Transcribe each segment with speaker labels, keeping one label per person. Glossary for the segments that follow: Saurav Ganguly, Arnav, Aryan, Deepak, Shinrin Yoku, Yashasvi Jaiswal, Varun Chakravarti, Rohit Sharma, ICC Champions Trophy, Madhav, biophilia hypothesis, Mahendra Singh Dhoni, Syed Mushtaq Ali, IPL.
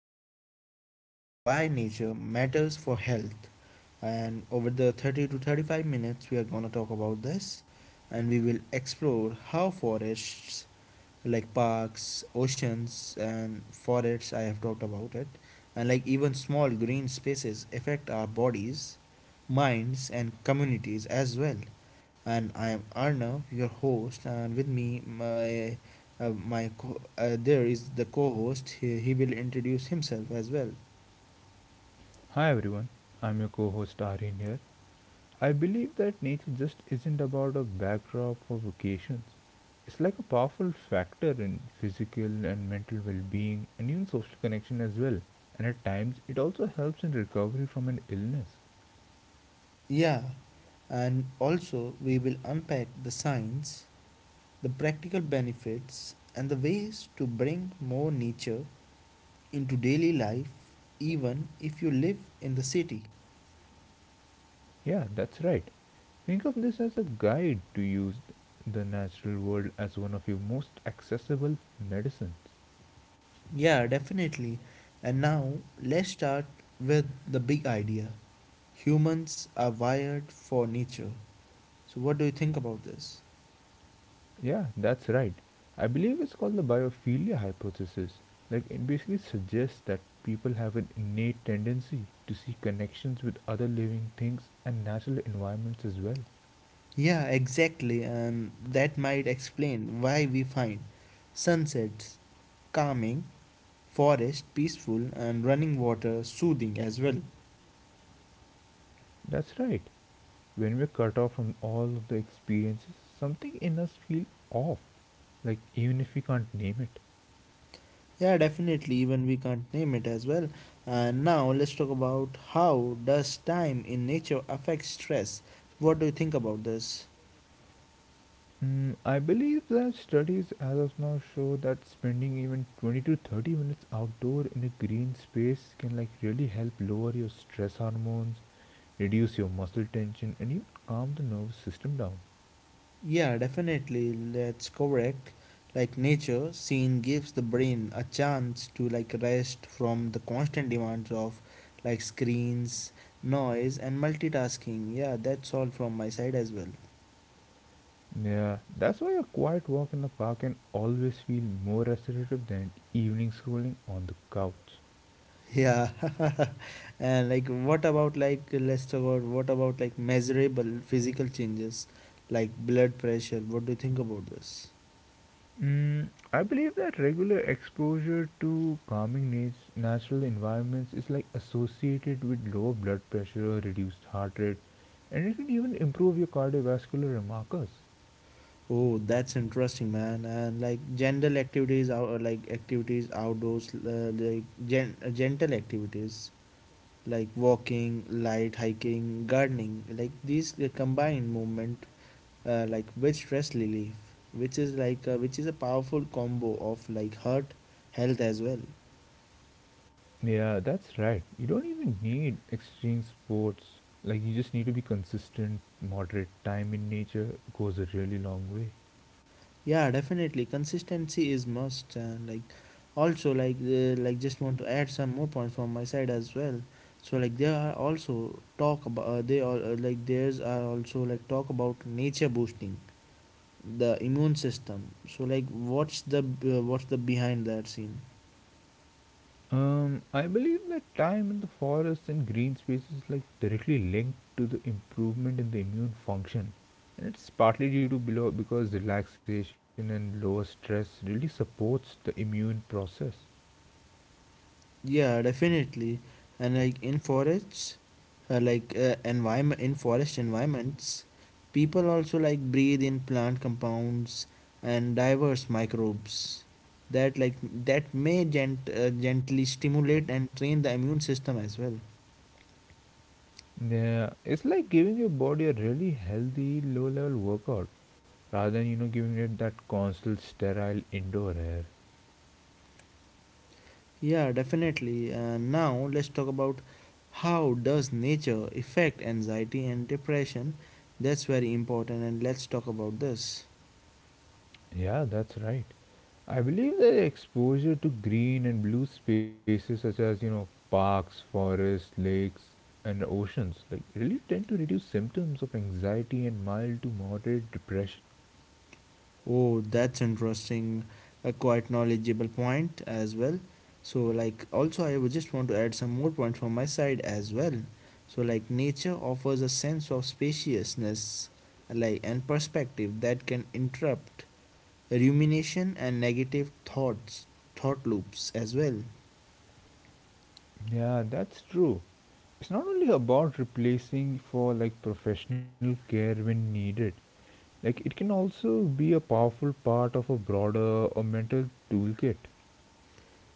Speaker 1: nature and why nature matters for health. And over the 30 to 35 minutes we are going to talk about this, and we will explore how forests like parks, oceans, and forests I have talked about it, and like even small green spaces affect our bodies, minds, and communities as well. And I am Arnav, your host, and with me, my my there is the co-host. He will introduce himself as well.
Speaker 2: Hi everyone, I'm your co host Aryan here. I believe that nature just isn't about a backdrop for vacations. It's like a powerful factor in physical and mental well being and even social connection as well. And at times, it also helps in recovery from an illness.
Speaker 1: Yeah, and also we will unpack the science, the practical benefits, and the ways to bring more nature into daily life, even if you live in the city.
Speaker 2: Yeah, that's right. Think of this as a guide to use the natural world as one of your most accessible medicines.
Speaker 1: Yeah, definitely. And now let's start with the big idea. Humans are wired for nature. So, what do you think about this?
Speaker 2: Yeah, that's right. I believe it's called the biophilia hypothesis. Like, it basically suggests that people have an innate tendency to see connections with other living things and natural environments as well.
Speaker 1: Yeah, exactly, and that might explain why we find sunsets calming, forest peaceful, and running water soothing as well.
Speaker 2: That's right. When we're cut off from all of the experiences, something in us feels off, like, even if we can't name it.
Speaker 1: Yeah, definitely, even we can't name it as well. And now let's talk about how does time in nature affect stress. What do you think about this?
Speaker 2: I believe that studies as of now show that spending even 20 to 30 minutes outdoor in a green space can like really help lower your stress hormones, reduce your muscle tension, and even calm the nervous system down.
Speaker 1: Yeah, definitely. That's correct. Like nature, scene gives the brain a chance to like rest from the constant demands of like screens, noise, and multitasking. Yeah, that's all from my side as well.
Speaker 2: Yeah, that's why a quiet walk in the park can always feel more restorative than evening scrolling on the couch.
Speaker 1: Yeah, and like what about like let's talk about what about like measurable physical changes like blood pressure? What do you think about this?
Speaker 2: Mm, I believe that regular exposure to calming natural environments is like associated with lower blood pressure, reduced heart rate, and it can even improve your cardiovascular markers.
Speaker 1: Oh, that's interesting, man. And like gentle activities, out like activities outdoors, like gentle activities like walking, light hiking, gardening, like these combined movement, like with stress relief, which is a powerful combo of like heart health as well.
Speaker 2: Yeah, that's right. You don't even need extreme sports. Like, you just need to be consistent, moderate time in nature goes a really long way.
Speaker 1: Yeah, definitely. Consistency is must. Also like just want to add some more points from my side as well. So like there are also talk about they all like there's are also like talk about nature boosting the immune system. So like what's the behind that scene?
Speaker 2: I believe that time in the forest and green space is like directly linked to the improvement in the immune function, and it's partly due to below because relaxation and lower stress really supports the immune process.
Speaker 1: Yeah, definitely. And like in forests, like environment in forest environments, people also like breathe in plant compounds and diverse microbes that like that may gently stimulate and train the immune system as well.
Speaker 2: Yeah, it's like giving your body a really healthy low-level workout rather than you know giving it that constant sterile indoor air.
Speaker 1: Yeah, definitely. Now let's talk about how does nature affect anxiety and depression. That's very important and let's talk about this.
Speaker 2: Yeah, that's right. I believe that exposure to green and blue spaces such as, you know, parks, forests, lakes, and oceans, like really tend to reduce symptoms of anxiety and mild to moderate depression.
Speaker 1: Oh, that's interesting. A quite knowledgeable point as well. So, like, also, I would just want to add some more points from my side as well. So, like, nature offers a sense of spaciousness, like, and perspective that can interrupt rumination and negative thoughts, thought loops as well.
Speaker 2: Yeah, that's true. It's not only about replacing for like professional care when needed. Like it can also be a powerful part of a broader a mental toolkit.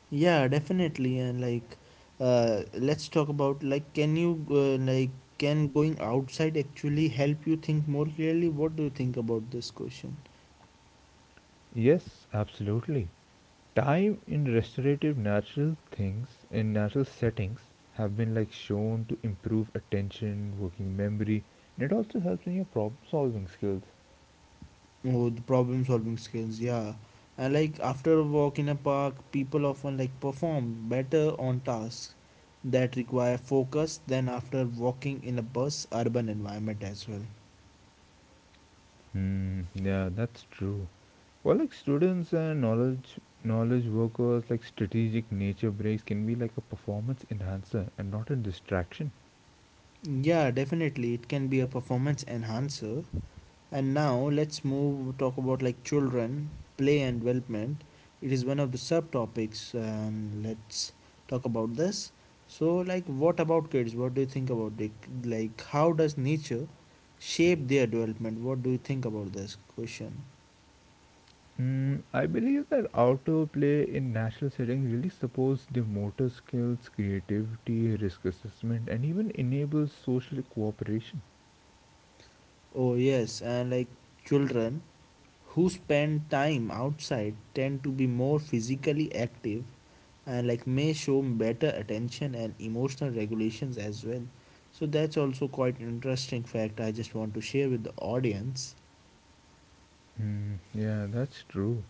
Speaker 1: Yeah, definitely. And like, let's talk about like, can going outside actually help you think more clearly? What do you think about this question?
Speaker 2: Yes, absolutely. Time in restorative natural things in natural settings have been like shown to improve attention, working memory, and it also helps in your problem solving skills.
Speaker 1: Oh, the problem solving skills, yeah. And like after a walk in a park, people often like perform better on tasks that require focus than after walking in a bus urban environment as well.
Speaker 2: Hmm, yeah, that's true. For like students and knowledge workers, like strategic nature breaks can be like a performance enhancer and not a distraction.
Speaker 1: Yeah, definitely it can be a performance enhancer. And now let's move talk about like children, play and development. It is one of the subtopics and let's talk about this. So like what about kids? What do you think about it? Like how does nature shape their development? What do you think about this question?
Speaker 2: I believe that outdoor play in national settings really supports the motor skills, creativity, risk assessment, and even enables social cooperation.
Speaker 1: Oh yes, and like children who spend time outside tend to be more physically active and like may show better attention and emotional regulations as well. So that's also quite an interesting fact I just want to share with the audience.
Speaker 2: Mm, yeah, that's true.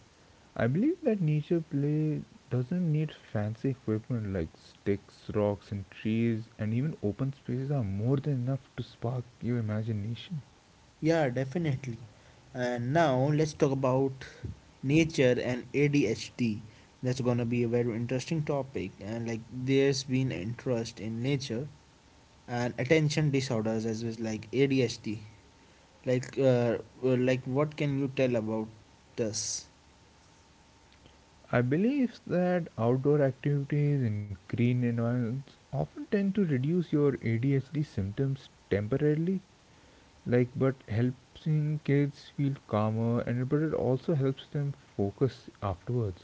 Speaker 2: I believe that nature play doesn't need fancy equipment like sticks, rocks, and trees, and even open spaces are more than enough to spark your imagination.
Speaker 1: Yeah, definitely. And now let's talk about nature and ADHD. That's gonna be a very interesting topic, and like there's been interest in nature and attention disorders as well as like ADHD. Like like what can you tell about this?
Speaker 2: I believe that outdoor activities in green environments often tend to reduce your ADHD symptoms temporarily, like but helping kids feel calmer and but it also helps them focus afterwards.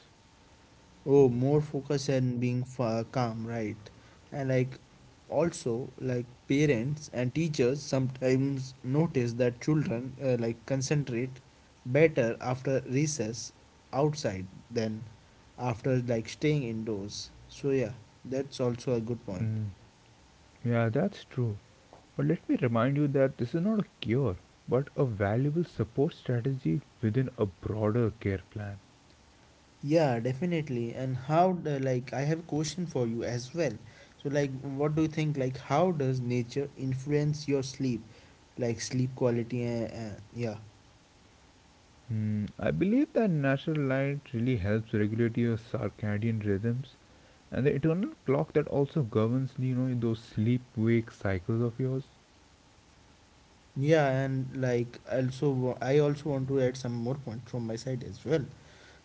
Speaker 1: Oh, more focus and being calm, right? And like also like parents and teachers sometimes notice that children like concentrate better after recess outside than after like staying indoors. So yeah, that's also a good point.
Speaker 2: Mm, yeah, that's true. But let me remind you that this is not a cure, but a valuable support strategy within a broader care plan.
Speaker 1: Yeah, definitely. And how the, like I have a question for you as well. So like what do you think like how does nature influence your sleep? Like sleep quality and yeah.
Speaker 2: I believe that natural light really helps regulate your circadian rhythms and the internal clock that also governs you know those sleep wake cycles of yours.
Speaker 1: Yeah, and like also I also want to add some more point from my side as well.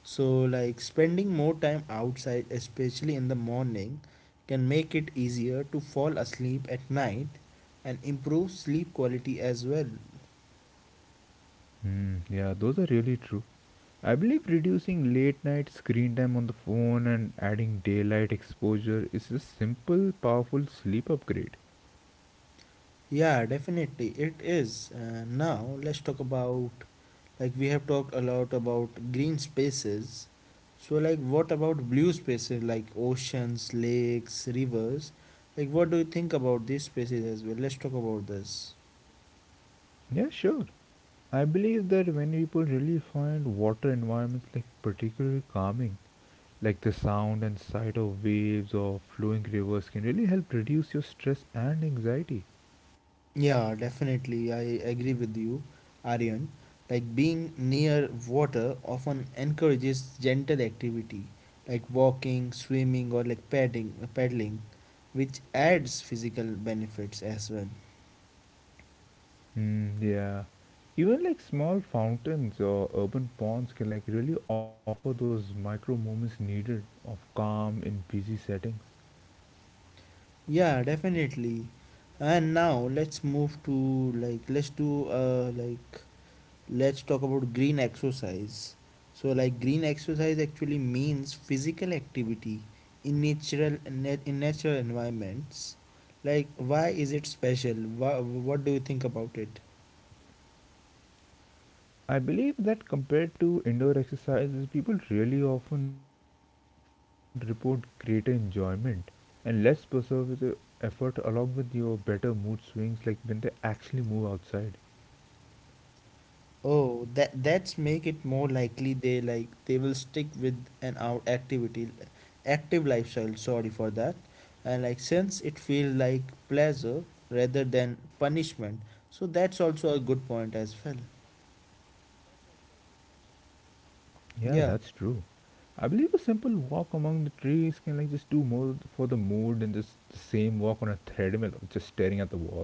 Speaker 1: So like spending more time outside, especially in the morning, can make it easier to fall asleep at night and improve sleep quality as well.
Speaker 2: Hmm, yeah, those are really true. I believe reducing late night screen time on the phone and adding daylight exposure is a simple, powerful sleep upgrade.
Speaker 1: Yeah, definitely it is. Now let's talk about like we have talked a lot about green spaces. So like what about blue spaces like oceans, lakes, rivers? Like what do you think about these spaces as well? Let's talk about this.
Speaker 2: Yeah, sure. I believe that when people really find water environments like particularly calming, like the sound and sight of waves or flowing rivers can really help reduce your stress and anxiety.
Speaker 1: Yeah, definitely. I agree with you, Aryan. Like being near water often encourages gentle activity, like walking, swimming, or like paddling, which adds physical benefits as well.
Speaker 2: Mm, yeah. Even like small fountains or urban ponds can like really offer those micro moments needed of calm in busy settings.
Speaker 1: Yeah, definitely. And now let's move to like let's do like let's talk about green exercise. So like green exercise actually means physical activity in natural environments. Like why is it special, why, what do you think about it?
Speaker 2: I believe that compared to indoor exercises, people really often report greater enjoyment and less perseverance effort along with your better mood swings like when they actually move outside.
Speaker 1: Oh, that's make it more likely they they will stick with an out activity active lifestyle. Sorry for that. And like since it feels like pleasure rather than punishment, so that's also a good point as well.
Speaker 2: Yeah, that's true.
Speaker 1: Yeah.
Speaker 2: I believe a simple walk among the trees can like just do more for the mood than just the same walk on a treadmill or just staring at the wall.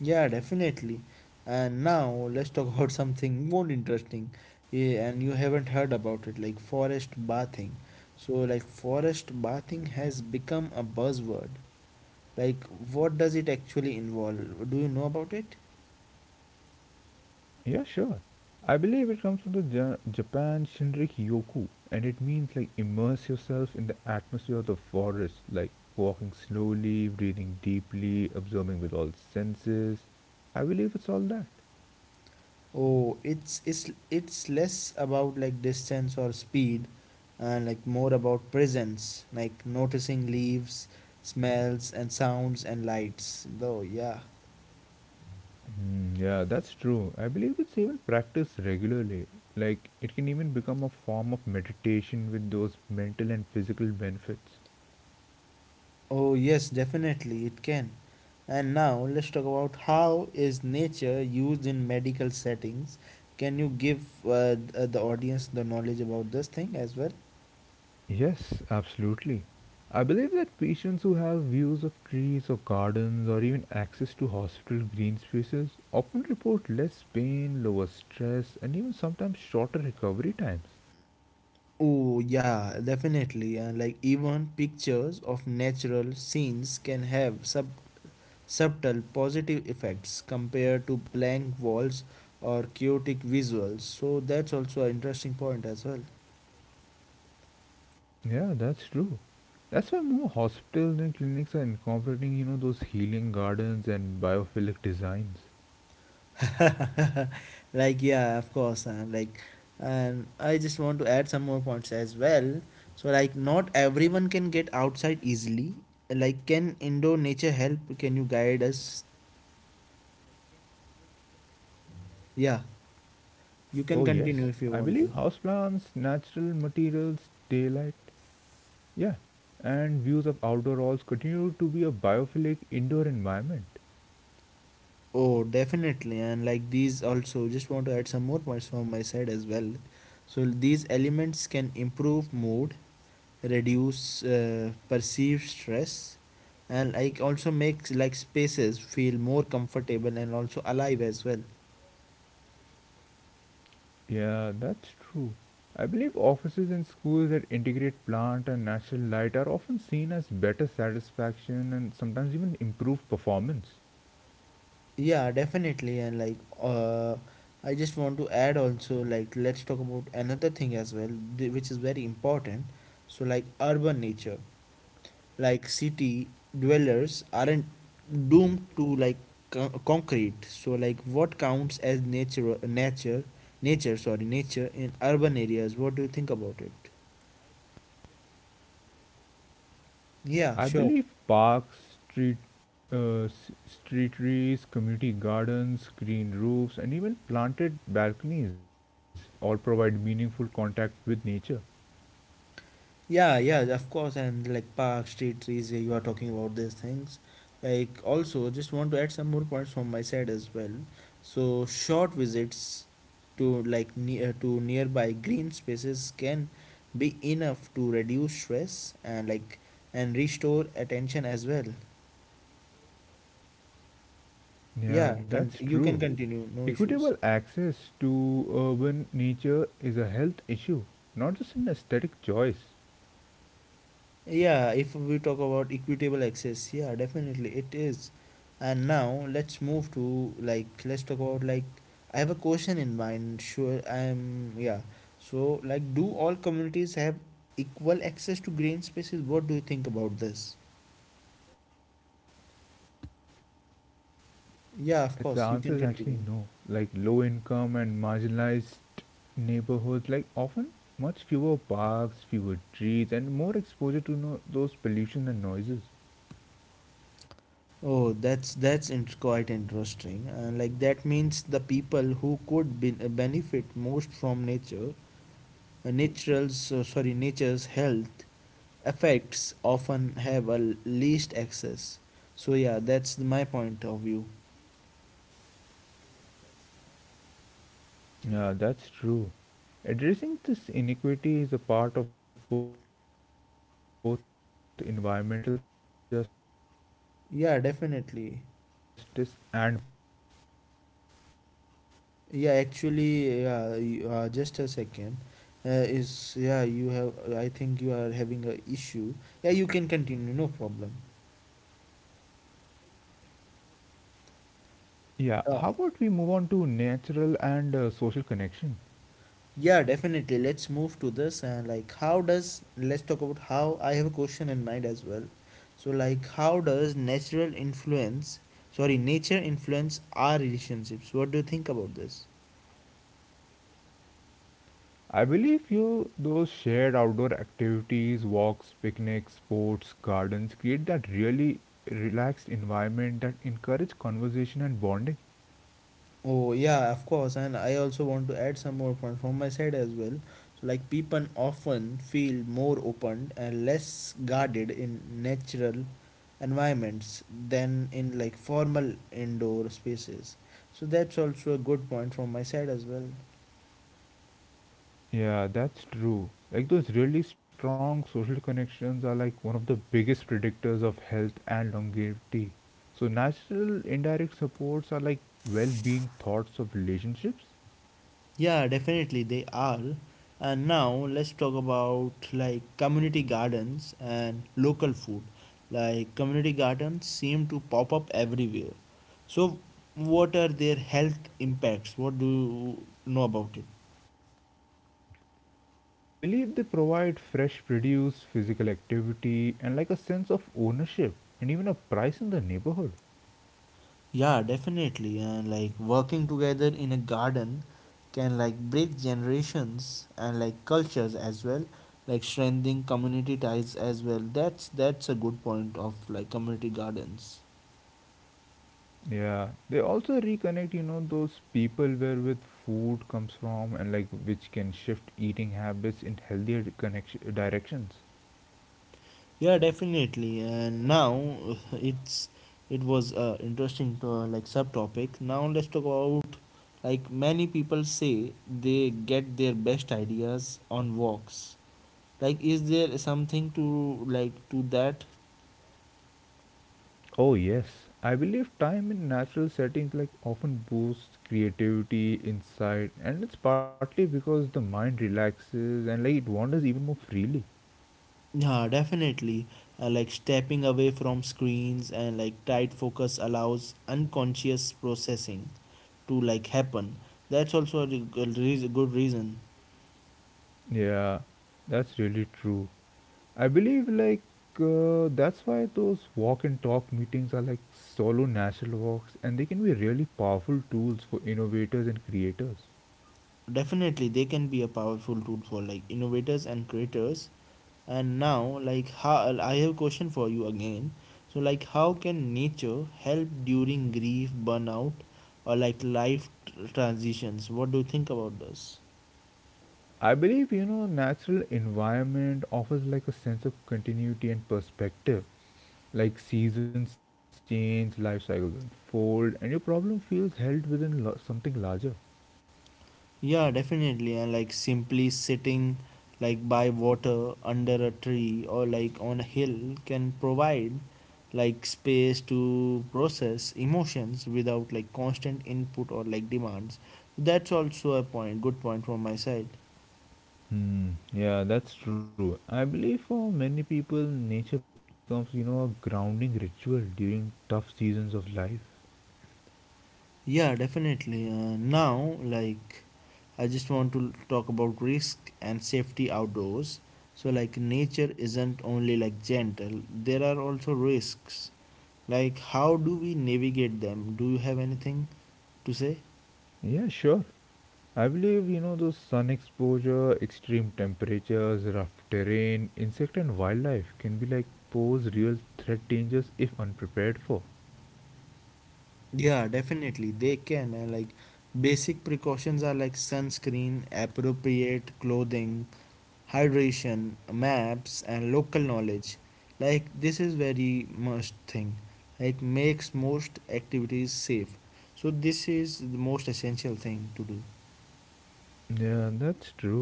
Speaker 1: Yeah, definitely. And now let's talk about something more interesting. Yeah, and you haven't heard about it, like forest bathing. So, like, forest bathing has become a buzzword. Like, what does it actually involve? Do you know about it?
Speaker 2: Yeah, sure. I believe it comes from the Japan Shinrik Yoku, and it means like immerse yourself in the atmosphere of the forest, like walking slowly, breathing deeply, observing with all senses. I believe it's all that.
Speaker 1: Oh, it's less about like distance or speed, and like more about presence, like noticing leaves, smells, and sounds and lights. Though, yeah.
Speaker 2: Mm, yeah, that's true. I believe it's even practiced regularly. Like, it can even become a form of meditation with those mental and physical benefits.
Speaker 1: Oh yes, definitely it can. And now let's talk about how is nature used in medical settings. Can you give the audience the knowledge about this thing as well?
Speaker 2: Yes, absolutely. I believe that patients who have views of trees or gardens or even access to hospital green spaces often report less pain, lower stress, and even sometimes shorter recovery times.
Speaker 1: Oh yeah, definitely. And like even pictures of natural scenes can have subtle positive effects compared to blank walls or chaotic visuals. So that's also an interesting point as well.
Speaker 2: Yeah, that's true. That's why more hospitals and clinics are incorporating, you know, those healing gardens and biophilic designs.
Speaker 1: Like yeah, of course. And I just want to add some more points as well. So like not everyone can get outside easily. Like can indoor nature help? Can you guide us?
Speaker 2: Oh, yes.
Speaker 1: Yeah,
Speaker 2: I believe
Speaker 1: you can
Speaker 2: houseplants,
Speaker 1: continue if you
Speaker 2: natural
Speaker 1: want to.
Speaker 2: materials, daylight, yeah, and views of outdoor halls continue to be a biophilic indoor environment.
Speaker 1: Oh, definitely. And like these also just want to add some more points from my side as well. So these elements can improve mood, reduce perceived stress, and like also makes like spaces feel more comfortable and also alive as well.
Speaker 2: Yeah, that's true. I believe offices and schools that integrate plant and natural light are often seen as better satisfaction and sometimes even improved performance.
Speaker 1: Yeah, definitely. And like I just want to add also like let's talk about another thing as well, which is very important. So like urban nature, like city dwellers aren't doomed to like concrete. So like what counts as nature, sorry, nature in urban areas? What do you think about it? Yeah,
Speaker 2: I
Speaker 1: sure.
Speaker 2: believe parks, street trees, community gardens, green roofs, and even planted balconies all provide meaningful contact with nature.
Speaker 1: Yeah, yeah, of course. And like park, street trees, yeah, you are talking about these things. Like, also, just want to add some more points from my side as well. So, short visits to like near to nearby green spaces can be enough to reduce stress and restore attention as well. Yeah,
Speaker 2: Yeah,
Speaker 1: you
Speaker 2: that's
Speaker 1: can
Speaker 2: true.
Speaker 1: continue, no issues.
Speaker 2: Equitable access to urban nature is a health issue, not just an aesthetic choice.
Speaker 1: Yeah, if we talk about equitable access, yeah, definitely it is. And now let's move to like let's talk about like I have a question in mind. Sure, I'm yeah. So like, do all communities have equal access to green spaces? What do you think about this?
Speaker 2: It's no.
Speaker 1: Yeah, of
Speaker 2: It's the
Speaker 1: course, you
Speaker 2: answer
Speaker 1: can
Speaker 2: is actually
Speaker 1: continue.
Speaker 2: no. Like low income and marginalized neighborhoods, like often much fewer parks, fewer trees, and more exposure to those pollution and noises.
Speaker 1: Oh, that's int quite interesting. And like that means the people who could be, benefit most from nature, nature's health effects often have a least access. So yeah, that's my point of view.
Speaker 2: Yeah, that's true. Addressing this inequity is a part of both environmental justice and public health.
Speaker 1: Yeah, definitely. Yeah, actually, yeah, just a second. uh, is, yeah, you have, I think you are having a issue. Yeah, you can continue, no problem.
Speaker 2: Yeah,
Speaker 1: uh,
Speaker 2: how about we move on to natural and social connection?
Speaker 1: yeah definitely, let's move to this. And like how does let's talk about how I have a question in mind as well. So like how does natural influence, sorry, nature influence our relationships? What do you think about this?
Speaker 2: I believe you those shared outdoor activities, walks, picnics, sports, gardens create that really relaxed environment that encourage conversation and bonding.
Speaker 1: Oh yeah, of course, and I also want to add some more point from my side as well. So like people often feel more open and less guarded in natural environments than in like formal indoor spaces. So that's also a good point from my side as well.
Speaker 2: Yeah, that's true. Like those really strong social connections are like one of the biggest predictors of health and longevity. So natural indirect supports are like well-being thoughts of relationships.
Speaker 1: Yeah, definitely they are. And now let's talk about like community gardens and local food. Like community gardens seem to pop up everywhere. So what are their health impacts? What do you know about it?
Speaker 2: I believe they provide fresh produce, physical activity, and like a sense of ownership and even a price in the neighborhood.
Speaker 1: Yeah, definitely. And like working together in a garden can like break generations and like cultures as well, like strengthening community ties as well. That's a good point of like community gardens.
Speaker 2: Yeah, they also reconnect, you know, those people where with food comes from and like which can shift eating habits in healthier connection directions.
Speaker 1: Yeah, definitely. And now it's it was interesting to like subtopic. Now let's talk about like many people say they get their best ideas on walks. Like, is there something to that?
Speaker 2: Oh yes, I believe time in natural settings like often boosts creativity, insight, and it's partly because the mind relaxes and like it wanders even more freely.
Speaker 1: Yeah, definitely. Like stepping away from screens and like tight focus allows unconscious processing to like happen. That's also a good reason.
Speaker 2: Yeah, that's really true. I believe that's why those walk and talk meetings are like solo national walks and they can be really powerful tools for innovators and creators.
Speaker 1: Definitely they can be a powerful tool for like innovators and creators. And now like how I have a question for you again. So like how can nature help during grief burnout or like life transitions? What do you think about this?
Speaker 2: I believe you know natural environment offers like a sense of continuity and perspective. Like seasons change, life cycles unfold, and your problem feels held within something larger.
Speaker 1: Yeah, definitely. And like simply sitting like by water under a tree or like on a hill can provide like space to process emotions without like constant input or like demands. So that's also a point, good point from my side.
Speaker 2: Hmm, yeah, that's true. I believe for many people, nature becomes, you know, a grounding ritual during tough seasons of life.
Speaker 1: Yeah, definitely. Now, like, I just want to talk about risk and safety outdoors. So, like, nature isn't only like gentle, there are also risks. Like, how do we navigate them? Do you have anything to say?
Speaker 2: Yeah, sure. I believe, you know, those sun exposure, extreme temperatures, rough terrain, insect and wildlife can be like pose real threat dangers if unprepared for.
Speaker 1: Yeah, definitely they can. And like basic precautions are like sunscreen, appropriate clothing, hydration, maps, and local knowledge. Like this is very must thing. Like makes most activities safe. So this is the most essential thing to do.
Speaker 2: Yeah, that's true.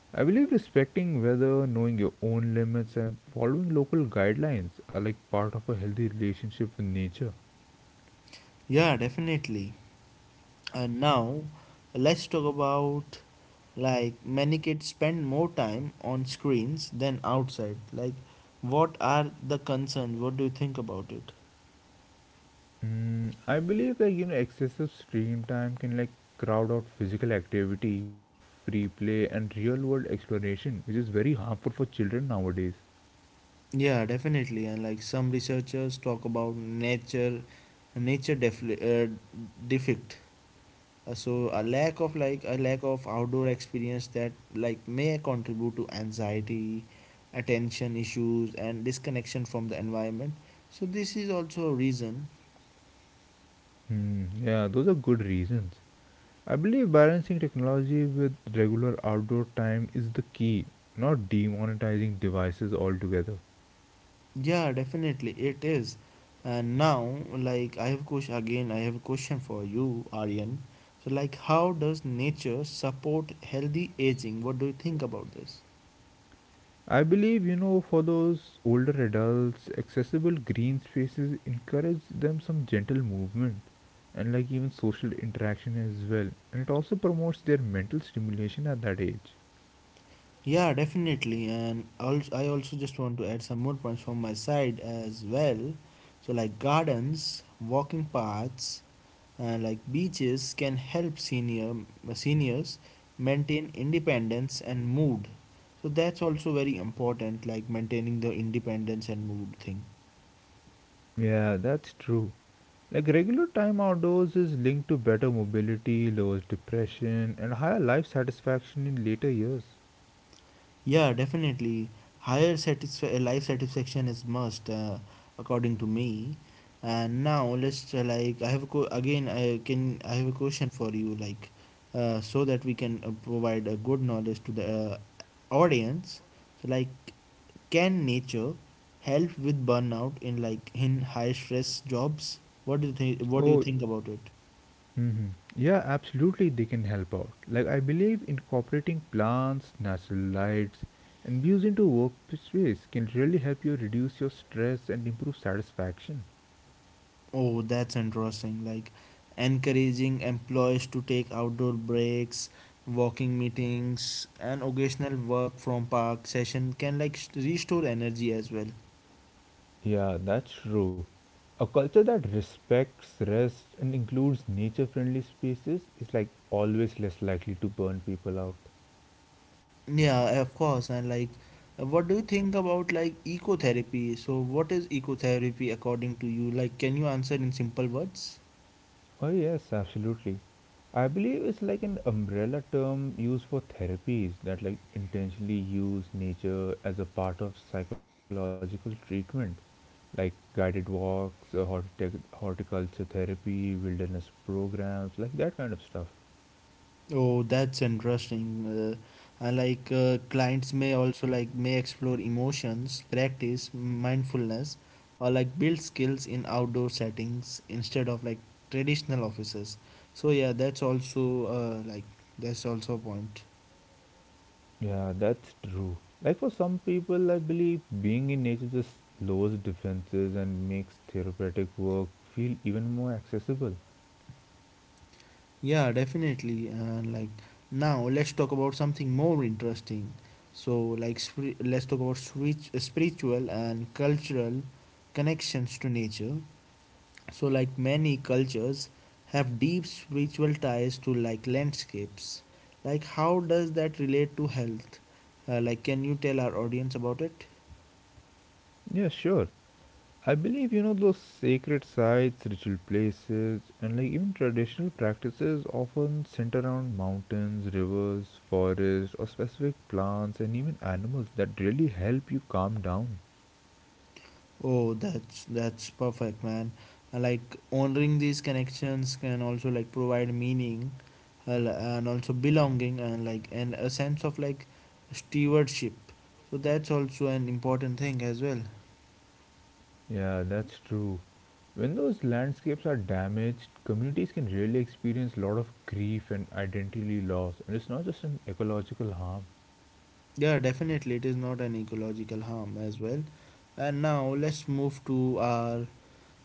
Speaker 2: I believe respecting weather, knowing your own limits, and following local guidelines are like part of a healthy relationship with nature.
Speaker 1: Yeah, definitely. And now let's talk about like many kids spend more time on screens than outside. Like what are the concerns? What do you think about it?
Speaker 2: I believe like you know excessive screen time can like crowd out physical activity, free play, and real world exploration, which is very harmful for children nowadays.
Speaker 1: Yeah, definitely. And like some researchers talk about nature, nature defect. So a lack of outdoor experience that like may contribute to anxiety, attention issues, and disconnection from the environment. So this is also a reason.
Speaker 2: Hmm, yeah, those are good reasons. I believe balancing technology with regular outdoor time is the key, not demonetizing devices altogether.
Speaker 1: Yeah, definitely it is. And now, like I have a question for you, Aryan. So, like, how does nature support healthy aging? What do you think about this?
Speaker 2: I believe, you know, for those older adults, accessible green spaces encourage them some gentle movement and like even social interaction as well. And it also promotes their mental stimulation at that age.
Speaker 1: Yeah, definitely. And also, I also just want to add some more points from my side as well. So, like gardens, walking paths, and like beaches can help seniors maintain independence and mood. So that's also very important, like maintaining the independence and mood thing.
Speaker 2: Yeah, that's true. Like regular time outdoors is linked to better mobility, lowers depression, and higher life satisfaction in later years.
Speaker 1: Yeah, definitely. Life satisfaction is must, according to me. And now let's like I have a co- again I can I have a question for you like, so that we can provide a good knowledge to the audience. So like, can nature help with burnout in in high stress jobs? What do you think? What do you
Speaker 2: Oh,
Speaker 1: think about it?
Speaker 2: hmm Yeah, absolutely, they can help out. Like, I believe incorporating plants, natural lights, and views into workspace can really help you reduce your stress and improve satisfaction.
Speaker 1: Oh, that's interesting. Like encouraging employees to take outdoor breaks, walking meetings, and occasional work from park session can like restore energy as well.
Speaker 2: Yeah, that's true. A culture that respects rest and includes nature friendly spaces is like always less likely to burn people out.
Speaker 1: Yeah, of course. And like, what do you think about like eco therapy? So, what is eco therapy according to you? Like, can you answer in simple words?
Speaker 2: Oh, yes, absolutely. I believe it's like an umbrella term used for therapies that like intentionally use nature as a part of psychological treatment, like guided walks, horticulture therapy, wilderness programs, like that kind of stuff.
Speaker 1: Oh, that's interesting. I like Clients may also like may explore emotions, practice mindfulness, or like build skills in outdoor settings instead of like traditional offices. So yeah, that's also like that's also a point.
Speaker 2: Yeah, that's true. Like for some people, I believe being in nature just lowers defenses and makes therapeutic work feel even more accessible.
Speaker 1: Yeah, definitely. And like now, let's talk about something more interesting. So like let's talk about switch, spiritual and cultural connections to nature. So, like many cultures, have deep spiritual ties to like landscapes. Like, how does that relate to health? Like, can you tell our audience about it?
Speaker 2: Yeah, sure. I believe you know those sacred sites, ritual places, and like even traditional practices often center around mountains, rivers, forests, or specific plants and even animals that really help you calm down.
Speaker 1: Oh, that's perfect, man. Like honoring these connections can also like provide meaning, and also belonging, and a sense of like stewardship. So that's also an important thing as well.
Speaker 2: Yeah, that's true. When those landscapes are damaged, communities can really experience a lot of grief and identity loss, and it's not just an ecological harm.
Speaker 1: Yeah, definitely, it is not an ecological harm as well. And now let's move to our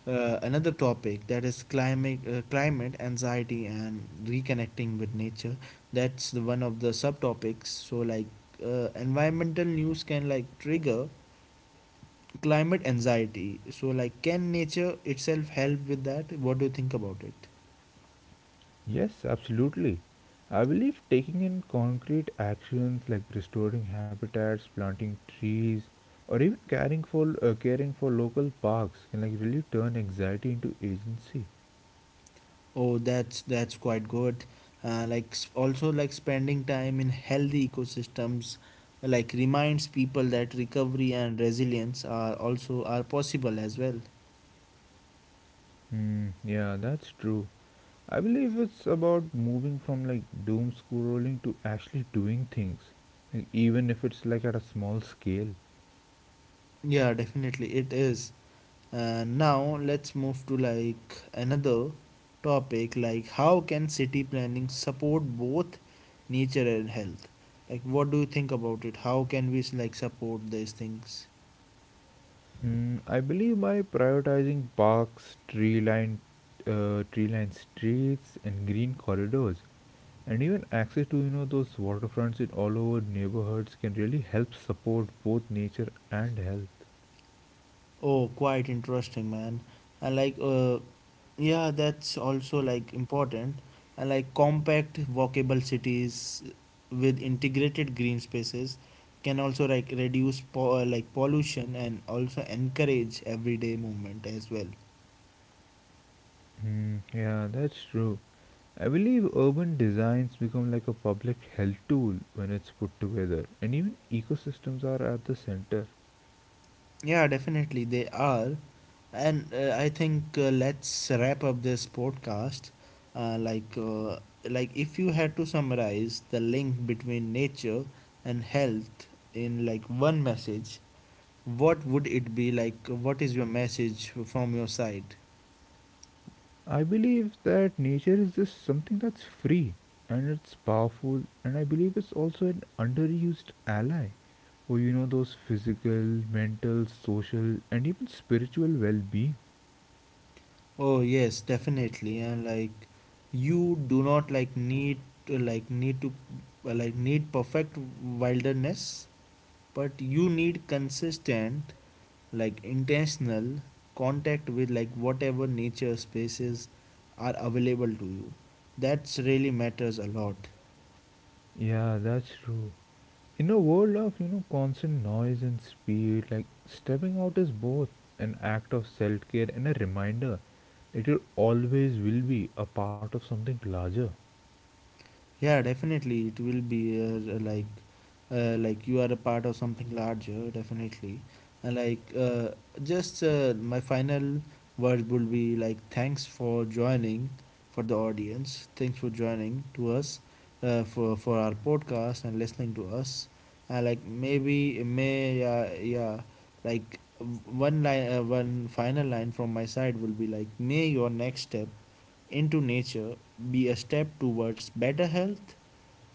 Speaker 1: another topic that is climate, climate anxiety and reconnecting with nature. That's the one of the subtopics. So like environmental news can like trigger climate anxiety. So like can nature itself help with that? What do you think about it?
Speaker 2: Yes, absolutely. I believe taking in concrete actions like restoring habitats, planting trees, or even caring for local parks can like really turn anxiety into agency.
Speaker 1: Oh, that's quite good. Like also like spending time in healthy ecosystems like reminds people that recovery and resilience are also are possible as well.
Speaker 2: Hmm, yeah, that's true. I believe it's about moving from like doom scrolling to actually doing things, like, even if it's like at a small scale.
Speaker 1: Yeah, definitely it is. Now let's move to like another topic like how can city planning support both nature and health? Like what do you think about it? How can we like support these things?
Speaker 2: I believe by prioritizing parks, tree-lined streets, and green corridors, and even access to you know those waterfronts in all over neighborhoods can really help support both nature and health.
Speaker 1: Oh, quite interesting, man. I like Yeah, that's also like important. And like compact walkable cities with integrated green spaces can also like reduce like pollution and also encourage everyday movement as well.
Speaker 2: Hmm, yeah, that's true. I believe urban designs become like a public health tool when it's put together and even ecosystems are at the center.
Speaker 1: Yeah, definitely they are. And I think let's wrap up this podcast. Uh, like uh, like if you had to summarize the link between nature and health in like one message, what would it be like? What is your message from your side?
Speaker 2: I believe that nature is just something that's free and it's powerful, and I believe it's also an underused ally for you know those physical, mental, social and even spiritual well-being.
Speaker 1: Oh yes, definitely. And like, you do not like need like need to like need perfect wilderness, but you need consistent, like intentional contact with like whatever nature spaces are available to you. That's really matters a lot.
Speaker 2: Yeah, that's true. In a world of, you know, constant noise and speed, like stepping out is both an act of self-care and a reminder that you always will be a part of something larger.
Speaker 1: Yeah, definitely it will be like you are a part of something larger, definitely. And like just my final word would be like thanks for joining for the audience. Thanks for joining to us for our podcast and listening to us. And like maybe may yeah yeah like w- one line, one final line from my side will be like may your next step into nature be a step towards better health,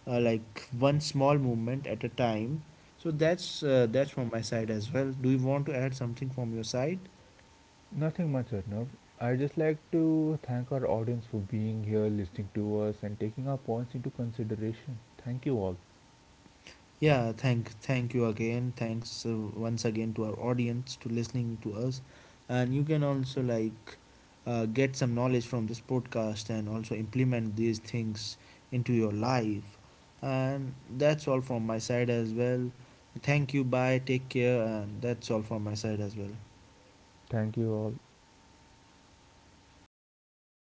Speaker 1: like one small movement at a time. So that's from my side as well. Do you want to add something from your side?
Speaker 2: Nothing much, Arnav. I just like to thank our audience for being here, listening to us, and taking our points into consideration. Thank you all.
Speaker 1: Yeah, thank you again. Thanks once again to our audience to listening to us, and you can also get some knowledge from this podcast and also implement these things into your life. And that's all from my side as well. Thank you. Bye. Take care. And that's all from my side as well.
Speaker 2: Thank you all.